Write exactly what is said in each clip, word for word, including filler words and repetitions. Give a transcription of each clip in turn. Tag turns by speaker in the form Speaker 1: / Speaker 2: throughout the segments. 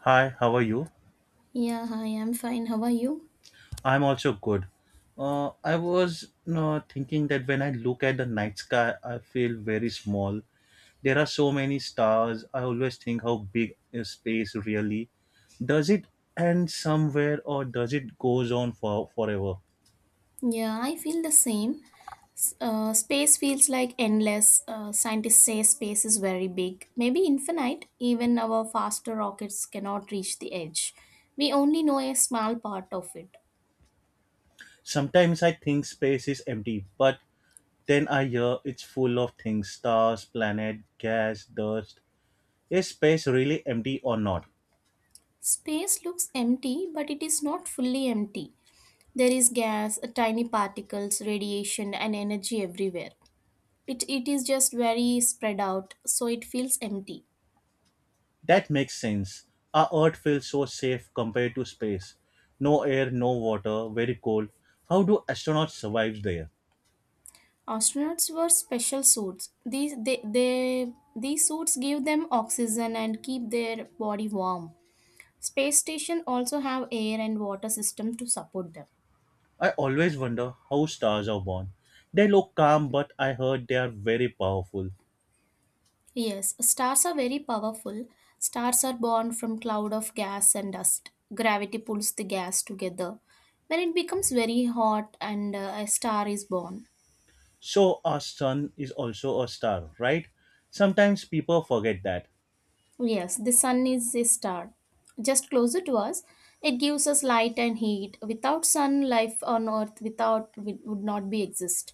Speaker 1: Hi, how are you?
Speaker 2: Yeah, hi, I'm fine. How are you?
Speaker 1: I'm also good. Uh, I was uh, thinking that when I look at the night sky, I feel very small. There are so many stars. I always think how big is space really. Does it end somewhere or does it goes on for forever?
Speaker 2: Yeah, I feel the same. S- Uh, space feels like endless. Uh, scientists say space is very big, maybe infinite. Even our faster rockets cannot reach the edge. We only know a small part of it.
Speaker 1: Sometimes I think space is empty, but then I hear it's full of things: stars, planet, gas, dust. Is space really empty or not?
Speaker 2: Space looks empty, but it is not fully empty. There is gas, tiny particles, radiation, and energy everywhere. It, it is just very spread out, so it feels empty.
Speaker 1: That makes sense. Our Earth feels so safe compared to space. No air, no water, very cold. How do astronauts survive there?
Speaker 2: Astronauts wear special suits. These they, they these suits give them oxygen and keep their body warm. Space station also have air and water system to support them.
Speaker 1: I always wonder how stars are born. They look calm, but I heard they are very powerful.
Speaker 2: Yes, stars are very powerful. Stars are born from cloud of gas and dust. Gravity pulls the gas together. When it becomes very hot and uh, a star is born.
Speaker 1: So, our sun is also a star, right? Sometimes people forget that.
Speaker 2: Yes, the sun is a star. Just closer to us, it gives us light and heat. Without sun, life on earth without would would not be exist.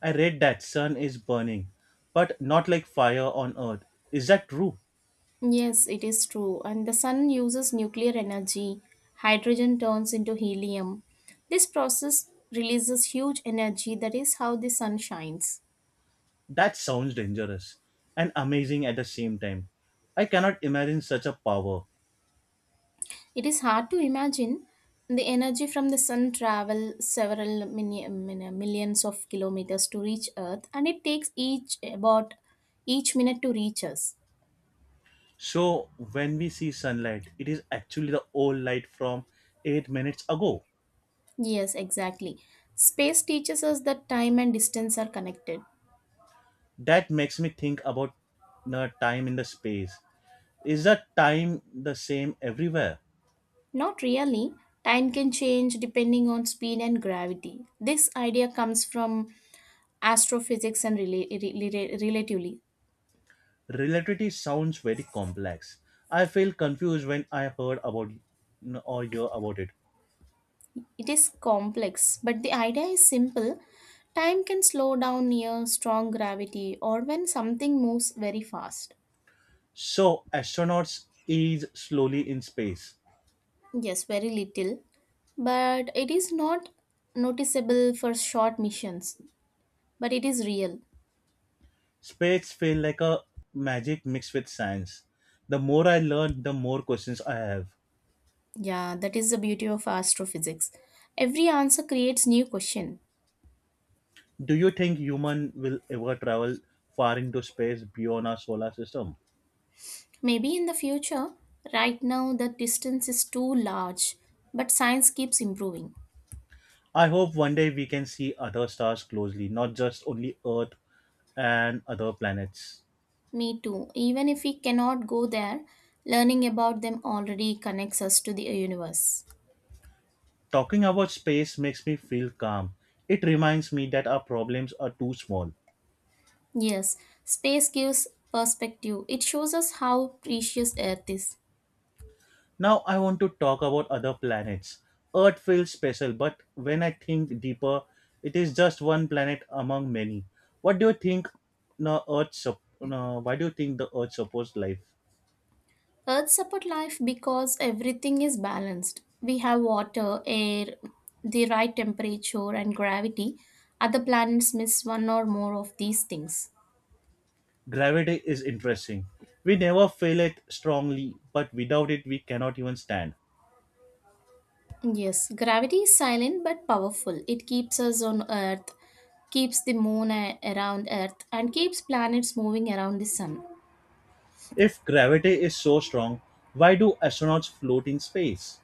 Speaker 1: I read that sun is burning, but not like fire on Earth. Is that true?
Speaker 2: Yes, it is true. And the sun uses nuclear energy. Hydrogen turns into helium. This process releases huge energy. That is how the sun shines.
Speaker 1: That sounds dangerous and amazing at the same time. I cannot imagine such a power.
Speaker 2: It is hard to imagine the energy from the sun travel several mini- min- millions of kilometers to reach Earth, and it takes each about each minute to reach us.
Speaker 1: So when we see sunlight, it is actually the old light from eight minutes ago.
Speaker 2: Yes, exactly. Space teaches us that time and distance are connected.
Speaker 1: That makes me think about the time in the space. Is the time the same everywhere?
Speaker 2: Not really. Time can change depending on speed and gravity. This idea comes from astrophysics and rela- re- re- relatively.
Speaker 1: Relativity sounds very complex. I feel confused when I heard about or hear about it.
Speaker 2: It is complex, but the idea is simple. Time can slow down near strong gravity or when something moves very fast.
Speaker 1: So astronauts ease slowly in space.
Speaker 2: Yes, very little. But it is not noticeable for short missions, but it is real.
Speaker 1: Space feel like a magic mixed with science. The more I learn, the more questions I have.
Speaker 2: Yeah, that is the beauty of astrophysics. Every answer creates new question.
Speaker 1: Do you think human will ever travel far into space beyond our solar system?
Speaker 2: Maybe in the future, right now the distance is too large, but science keeps improving.
Speaker 1: I hope one day we can see other stars closely, not just only Earth and other planets.
Speaker 2: Me too. Even if we cannot go there, learning about them already connects us to the universe.
Speaker 1: Talking about space makes me feel calm. It reminds me that our problems are too small.
Speaker 2: Yes, space gives perspective. It shows us how precious Earth is.
Speaker 1: Now I want to talk about other planets. Earth feels special, but when I think deeper, it is just one planet among many. What do you think no, Earth sup- no, Why do you think the Earth supports life?
Speaker 2: Earth support life because everything is balanced. We have water, air, the right temperature and gravity. Other planets miss one or more of these things.
Speaker 1: Gravity is interesting. We never feel it strongly, but without it, we cannot even stand.
Speaker 2: Yes, gravity is silent but powerful. It keeps us on Earth, keeps the moon a- around Earth, and keeps planets moving around the sun.
Speaker 1: If gravity is so strong, why do astronauts float in space?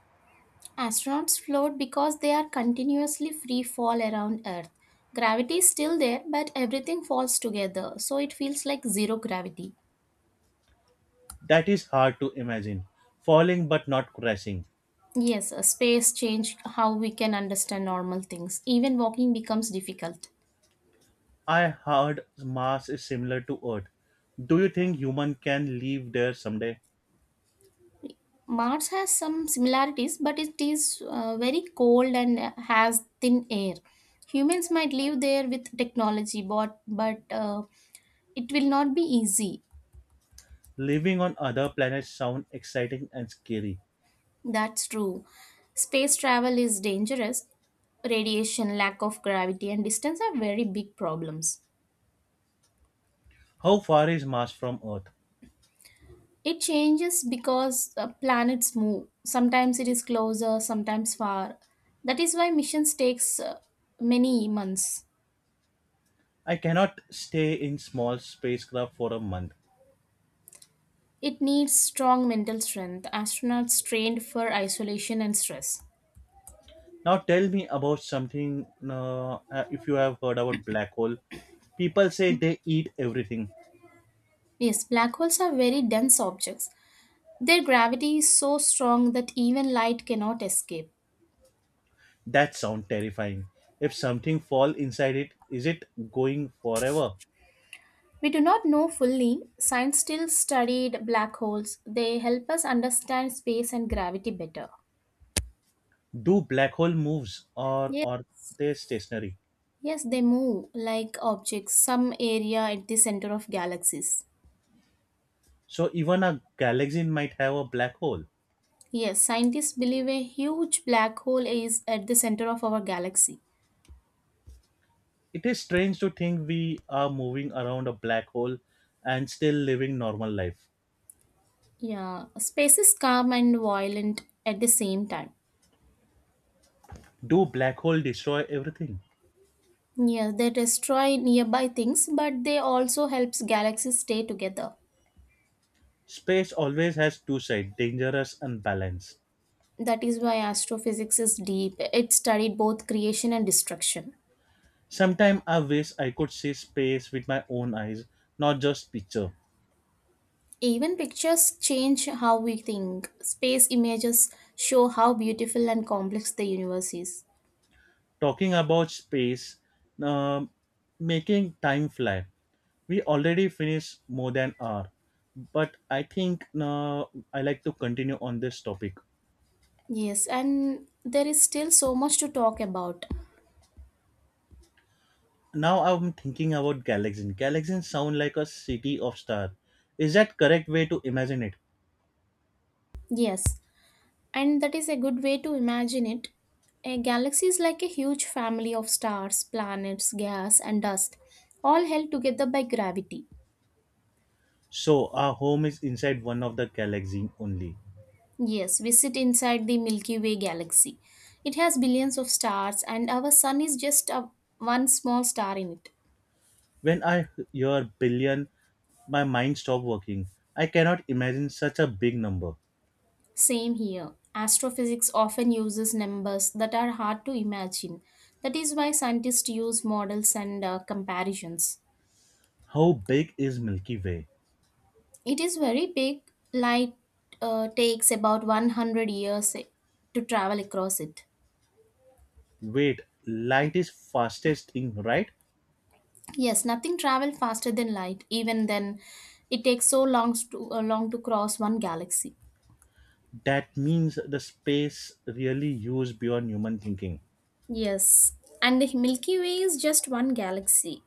Speaker 2: Astronauts float because they are continuously free fall around Earth. Gravity is still there, but everything falls together, so it feels like zero gravity.
Speaker 1: That is hard to imagine. Falling but not crashing.
Speaker 2: Yes, uh, space changed how we can understand normal things. Even walking becomes difficult.
Speaker 1: I heard Mars is similar to Earth. Do you think human can live there someday?
Speaker 2: Mars has some similarities, but it is uh, very cold and has thin air. Humans might live there with technology, but, but uh, it will not be easy.
Speaker 1: Living on other planets sound exciting and scary.
Speaker 2: That's true. Space travel is dangerous. Radiation, lack of gravity, and distance are very big problems.
Speaker 1: How far is Mars from Earth?
Speaker 2: It changes because uh, planets move. Sometimes it is closer, sometimes far. That is why missions takes uh, many months.
Speaker 1: I cannot stay in small spacecraft for a month.
Speaker 2: It needs strong mental strength, astronauts trained for isolation and stress.
Speaker 1: Now tell me about something. Uh, uh, if you have heard about black hole, people say they eat everything.
Speaker 2: Yes, black holes are very dense objects. Their gravity is so strong that even light cannot escape.
Speaker 1: That sounds terrifying. If something fall inside it, is it going forever?
Speaker 2: We do not know fully. Science still studied black holes. They help us understand space and gravity better.
Speaker 1: Do black hole moves or
Speaker 2: Yes,
Speaker 1: or they stationary?
Speaker 2: yes, they move like objects, some area at the center of galaxies.
Speaker 1: So even a galaxy might have a black hole.
Speaker 2: Yes, scientists believe a huge black hole is at the center of our galaxy.
Speaker 1: It is strange to think we are moving around a black hole and still living normal life.
Speaker 2: Yeah, space is calm and violent at the same time.
Speaker 1: Do black hole destroy everything?
Speaker 2: Yeah, they destroy nearby things, but they also helps galaxies stay together.
Speaker 1: Space always has two sides, dangerous and balanced.
Speaker 2: That is why astrophysics is deep. It studied both creation and destruction.
Speaker 1: Sometimes I wish I could see space with my own eyes, not just picture.
Speaker 2: Even pictures change how we think. Space images show how beautiful and complex the universe is.
Speaker 1: Talking about space, um, making time fly. We already finished more than hour, but I think uh, I like to continue on this topic.
Speaker 2: Yes, and there is still so much to talk about.
Speaker 1: Now I'm thinking about galaxies. Galaxies sound like a city of stars. Is that correct way to imagine it?
Speaker 2: Yes. And that is a good way to imagine it. A galaxy is like a huge family of stars, planets, gas, and dust, all held together by gravity.
Speaker 1: So our home is inside one of the galaxy only.
Speaker 2: Yes, we sit inside the Milky Way galaxy. It has billions of stars, and our sun is just a, one small star in it.
Speaker 1: When I hear billion, my mind stops working. I cannot imagine such a big number.
Speaker 2: Same here. Astrophysics often uses numbers that are hard to imagine. That is why scientists use models and uh, comparisons.
Speaker 1: How big is Milky Way?
Speaker 2: It is very big. Light uh, takes about one hundred years eh, to travel across it.
Speaker 1: Wait, light is fastest thing, right?
Speaker 2: Yes, nothing travels faster than light. Even then, it takes so long to uh, long to cross one galaxy.
Speaker 1: That means the space really used beyond human thinking.
Speaker 2: Yes, and the Milky Way is just one galaxy.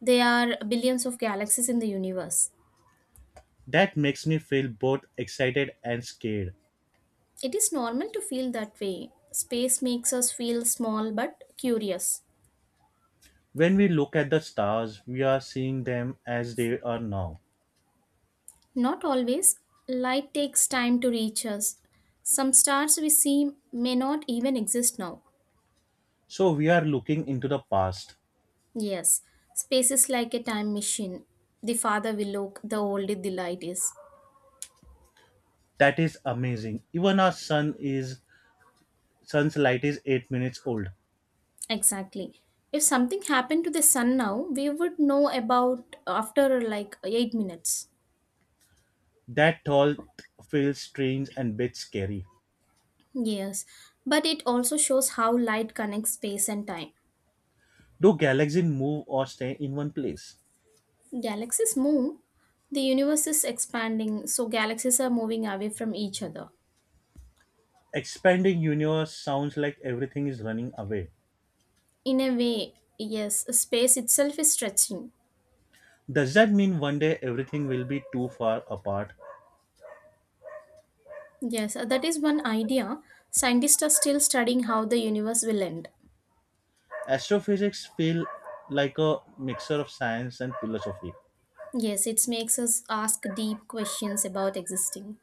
Speaker 2: There are billions of galaxies in the universe.
Speaker 1: That makes me feel both excited and scared.
Speaker 2: It is normal to feel that way. Space makes us feel small but curious.
Speaker 1: When we look at the stars, we are seeing them as they are now.
Speaker 2: Not always. Light takes time to reach us. Some stars we see may not even exist now.
Speaker 1: So we are looking into the past.
Speaker 2: Yes, space is like a time machine. The farther we look, the older the light is.
Speaker 1: That is amazing. Even our sun is sun's light is eight minutes old.
Speaker 2: Exactly. If something happened to the sun now, we would know about after like eight minutes.
Speaker 1: That thought feels strange and a bit scary.
Speaker 2: Yes, but it also shows how light connects space and time.
Speaker 1: Do galaxies move or stay in one place?
Speaker 2: Galaxies move, the universe is expanding, so galaxies are moving away from each other.
Speaker 1: Expanding universe sounds like everything is running away.
Speaker 2: In a way, yes, space itself is stretching.
Speaker 1: Does that mean one day everything will be too far apart?
Speaker 2: Yes, uh, that is one idea. Scientists are still studying how the universe will end.
Speaker 1: Astrophysics feel like a mixture of science and philosophy.
Speaker 2: Yes, it makes us ask deep questions about existing.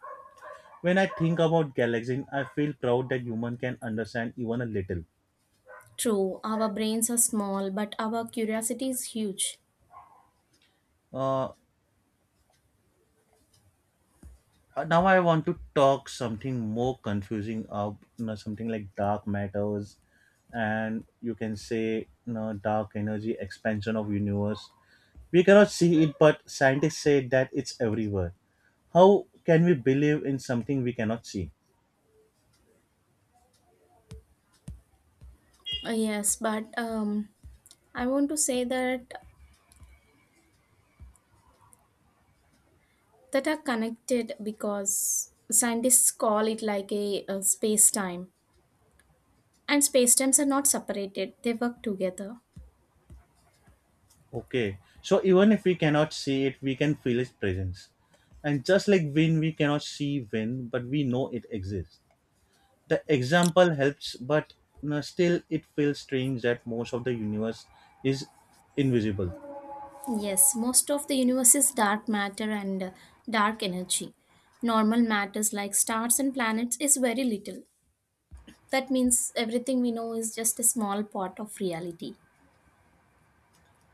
Speaker 1: When I think about galaxies, I feel proud that human can understand even a little.
Speaker 2: True, our brains are small, but our curiosity is huge.
Speaker 1: Uh, Uh, now I want to talk something more confusing, uh, you know, something like dark matters, and you can say you know, dark energy expansion of universe. We cannot see it, but scientists say that it's everywhere. How can we believe in something we cannot see?
Speaker 2: Uh, yes, but um, I want to say that that are connected because scientists call it like a, a space time, and space times are not separated; they work together.
Speaker 1: Okay, so even if we cannot see it, we can feel its presence. And just like wind, we cannot see wind, but we know it exists. The example helps but no, still it feels strange that most of the universe is invisible.
Speaker 2: Yes, most of the universe is dark matter and uh, dark energy. Normal matters like stars and planets is very little. That means everything we know is just a small part of reality.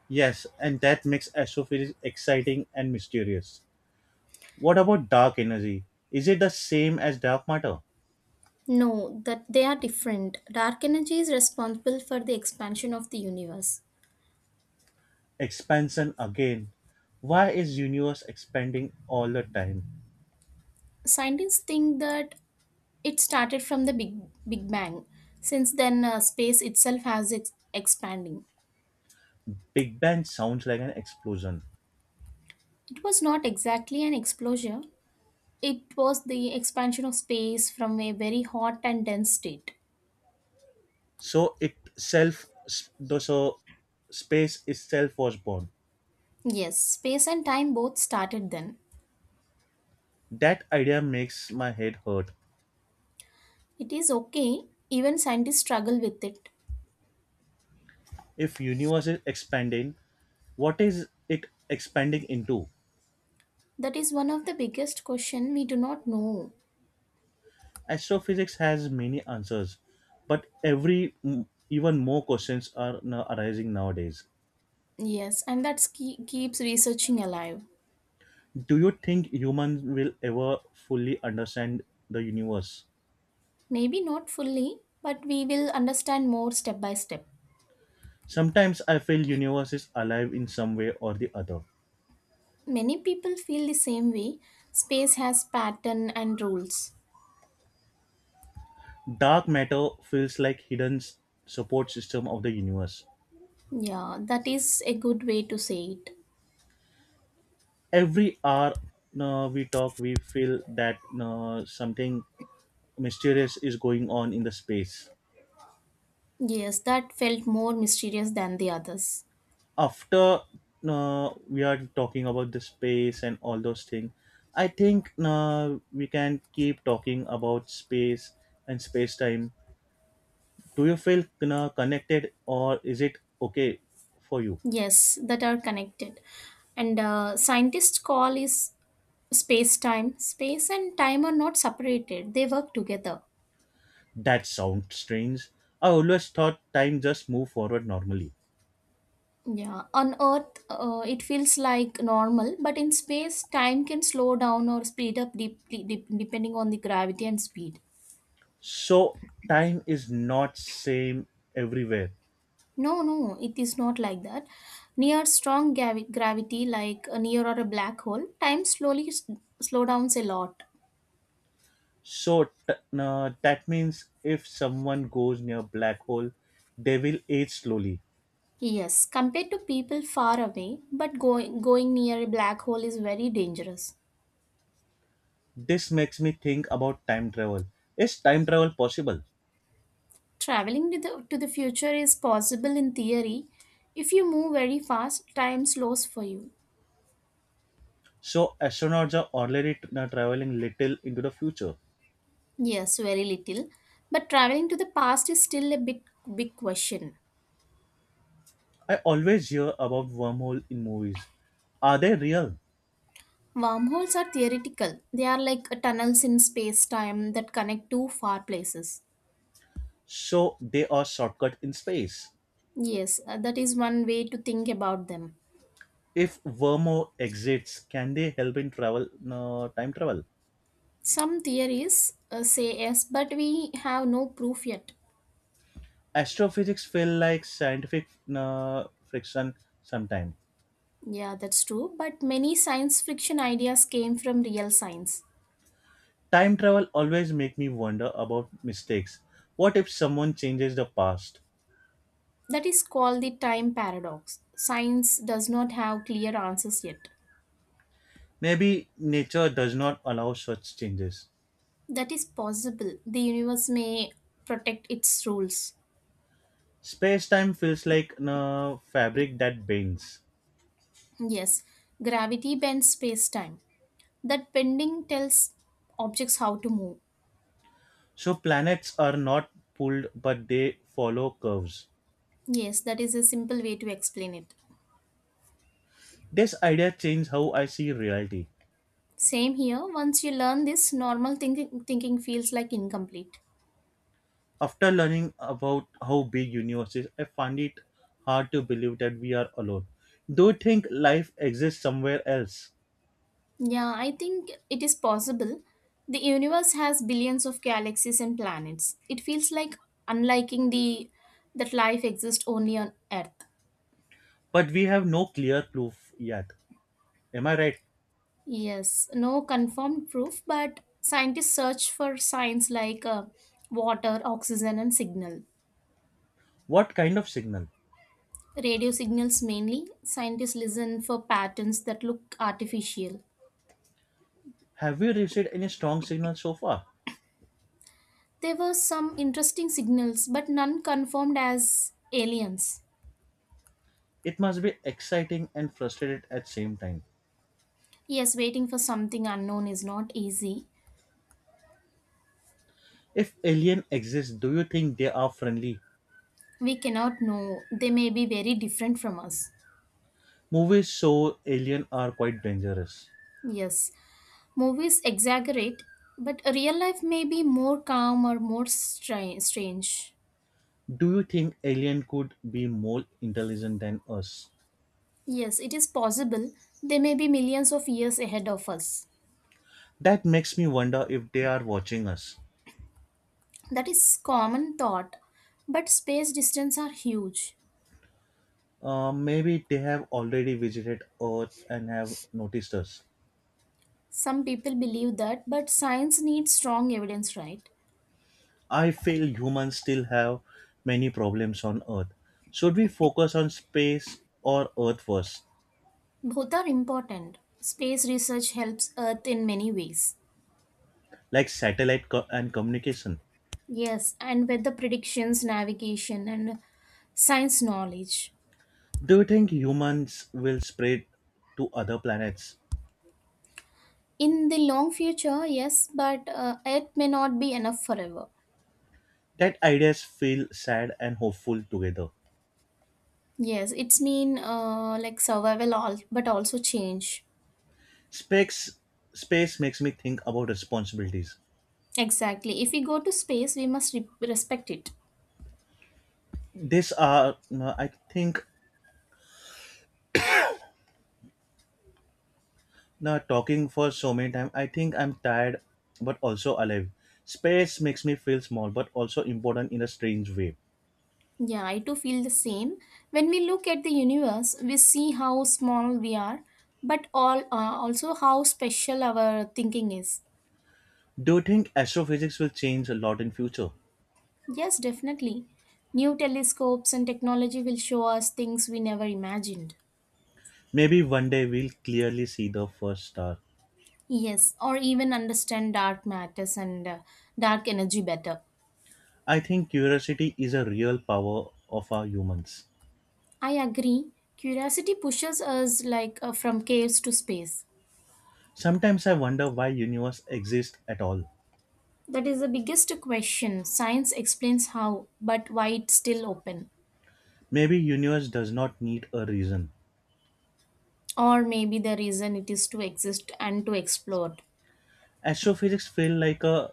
Speaker 1: Yes, and that makes astrophysics exciting and mysterious. What about dark energy? Is it the same as dark matter?
Speaker 2: No, that they are different. Dark energy is responsible for the expansion of the universe.
Speaker 1: Expansion again. Why is universe expanding all the time?
Speaker 2: Scientists think that it started from the Big, Big Bang. Since then, uh, space itself has ex- expanding.
Speaker 1: Big bang sounds like an explosion.
Speaker 2: It was not exactly an explosion, it was the expansion of space from a very hot and dense state.
Speaker 1: So itself s- though so space itself was born.
Speaker 2: Yes, space and time both started then.
Speaker 1: That idea makes my head hurt.
Speaker 2: It is okay, even scientists struggle with it.
Speaker 1: If universe is expanding, what is it expanding into?
Speaker 2: That is one of the biggest question we do not know.
Speaker 1: Astrophysics has many answers, but every even more questions are now arising nowadays.
Speaker 2: Yes, and that ke- keeps researching alive.
Speaker 1: Do you think humans will ever fully understand the universe?
Speaker 2: Maybe not fully, but we will understand more step by step.
Speaker 1: Sometimes I feel universe is alive in some way or the other.
Speaker 2: Many people feel the same way. Space has pattern and rules.
Speaker 1: Dark matter feels like hidden s- support system of the universe.
Speaker 2: Yeah, that is a good way to say it.
Speaker 1: Every hour uh, we talk, we feel that uh, something mysterious is going on in the space
Speaker 2: Yes, that felt more mysterious than the others.
Speaker 1: after uh, we are talking about the space and all those things. I think uh, we can keep talking about space and space time. Do you feel uh, connected, or is it okay for you?
Speaker 2: Yes, that are connected. And uh, scientists call is space time. Space and time are not separated, they work together.
Speaker 1: That sounds strange. I always thought time just move forward normally.
Speaker 2: Yeah, on Earth, uh, it feels like normal, but in space, time can slow down or speed up deeply, dep- depending on the gravity and speed.
Speaker 1: So time is not same everywhere.
Speaker 2: No, no, it is not like that. Near strong gavi- gravity, like uh, near or a black hole, time slowly s- slow downs a lot.
Speaker 1: So t- uh, that means if someone goes near black hole they will age slowly.
Speaker 2: Yes, compared to people far away, but going going near a black hole is very dangerous.
Speaker 1: This makes me think about time travel. Is time travel possible?
Speaker 2: Traveling to the to the future is possible in theory. If you move very fast, time slows for you.
Speaker 1: So astronauts are already t- now traveling little into the future.
Speaker 2: Yes, very little. But traveling to the past is still a bit big question.
Speaker 1: I always hear about wormhole in movies. Are they real?
Speaker 2: Wormholes are theoretical. They are like tunnels in space-time that connect two far places.
Speaker 1: So they are shortcut in space.
Speaker 2: Yes, uh, that is one way to think about them.
Speaker 1: If wormhole exists, can they help in travel uh, time travel?
Speaker 2: Some theories uh, say yes, but we have no proof yet.
Speaker 1: Astrophysics feel like scientific uh, friction sometimes.
Speaker 2: Yeah, that's true. But many science fiction ideas came from real science.
Speaker 1: Time travel always make me wonder about mistakes. What if someone changes the past?
Speaker 2: That is called the time paradox. Science does not have clear answers yet.
Speaker 1: Maybe nature does not allow such changes.
Speaker 2: That is possible. The universe may protect its rules.
Speaker 1: Space time feels like a fabric that bends.
Speaker 2: Yes, gravity bends space time. That bending tells objects how to move.
Speaker 1: So planets are not pulled but they follow curves.
Speaker 2: Yes, that is a simple way to explain it.
Speaker 1: This idea changed how I see reality.
Speaker 2: Same here, once you learn this, normal thinking, thinking feels like incomplete.
Speaker 1: After learning about how big universe is, I find it hard to believe that we are alone. Do you think life exists somewhere else?
Speaker 2: Yeah, I think it is possible. The universe has billions of galaxies and planets. It feels like unliking the that life exists only on Earth.
Speaker 1: But we have no clear proof yet. Am I right?
Speaker 2: Yes, no confirmed proof, but scientists search for signs like uh, water, oxygen, and signal.
Speaker 1: What kind of signal?
Speaker 2: Radio signals mainly. Scientists listen for patterns that look artificial.
Speaker 1: Have we received any strong signal so far?
Speaker 2: There were some interesting signals, but none confirmed as aliens.
Speaker 1: It must be exciting and frustrated at same time.
Speaker 2: Yes, waiting for something unknown is not easy.
Speaker 1: If alien exist, do you think they are friendly?
Speaker 2: We cannot know. They may be very different from us.
Speaker 1: Movies show alien are quite dangerous.
Speaker 2: Yes, movies exaggerate, but real life may be more calm or more stra- strange.
Speaker 1: Do you think alien could be more intelligent than us?
Speaker 2: Yes, it is possible they may be millions of years ahead of us.
Speaker 1: That makes me wonder if they are watching us.
Speaker 2: That is common thought, but space distance are huge.
Speaker 1: Uh, maybe they have already visited Earth and have noticed us.
Speaker 2: Some people believe that, but science needs strong evidence, right?
Speaker 1: I feel humans still have many problems on Earth. Should we focus on space or Earth first,
Speaker 2: Both are important. Space research helps Earth in many ways.
Speaker 1: like satellite co- and communication?
Speaker 2: Yes, and weather predictions, navigation, and science knowledge.
Speaker 1: Do you think humans will spread to other planets?
Speaker 2: In the long future, yes, but uh, it may not be enough forever.
Speaker 1: That ideas feel sad and hopeful together.
Speaker 2: Yes, it's mean uh, like survival, all, but also change.
Speaker 1: Space, space makes me think about responsibilities.
Speaker 2: Exactly. If we go to space, we must re- respect it.
Speaker 1: This are, no, I think, no, talking for so many time. I think I'm tired, but also alive. Space makes me feel small, but also important in a strange way.
Speaker 2: Yeah, I too feel the same. When we look at the universe, we see how small we are, but all uh, also how special our thinking is.
Speaker 1: Do you think astrophysics will change a lot in future?
Speaker 2: Yes, definitely. New telescopes and technology will show us things we never imagined.
Speaker 1: Maybe one day we'll clearly see the first star.
Speaker 2: Yes, or even understand dark matters and uh, dark energy better.
Speaker 1: I think curiosity is a real power of our humans.
Speaker 2: I agree. Curiosity pushes us like uh, from caves to space.
Speaker 1: Sometimes I wonder why universe exists at all.
Speaker 2: That is the biggest question. Science explains how, but why it's still open.
Speaker 1: Maybe universe does not need a reason.
Speaker 2: Or maybe the reason it is to exist and to explore.
Speaker 1: Astrophysics feel like a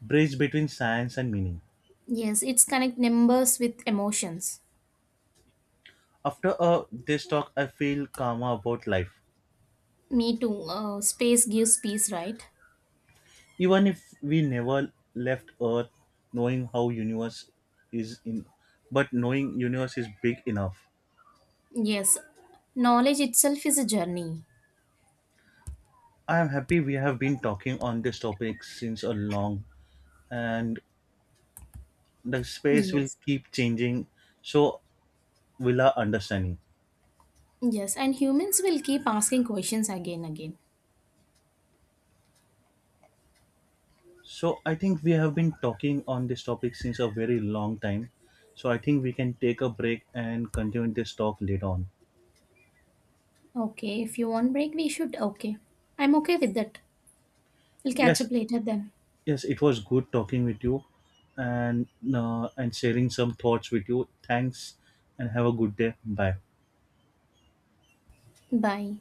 Speaker 1: bridge between science and meaning.
Speaker 2: Yes, it's connect numbers with emotions.
Speaker 1: After uh, this talk, I feel calmer about life.
Speaker 2: Me too. Uh, space gives peace, right?
Speaker 1: Even if we never left Earth, knowing how universe is in, but knowing universe is big enough.
Speaker 2: Yes, knowledge itself is a journey.
Speaker 1: I am happy we have been talking on this topic since a long, and the space will
Speaker 2: Yes,
Speaker 1: keep changing. So will our understanding.
Speaker 2: yes, and humans will keep asking questions again again.
Speaker 1: So I think we have been talking on this topic since a very long time. So I think we can take a break and continue this talk later on.
Speaker 2: Okay, if you want break, we should. Okay, I'm okay with that. We'll catch
Speaker 1: Yes,
Speaker 2: up later then.
Speaker 1: yes, it was good talking with you and uh, and sharing some thoughts with you. Thanks and have a good day. Bye.
Speaker 2: Bye.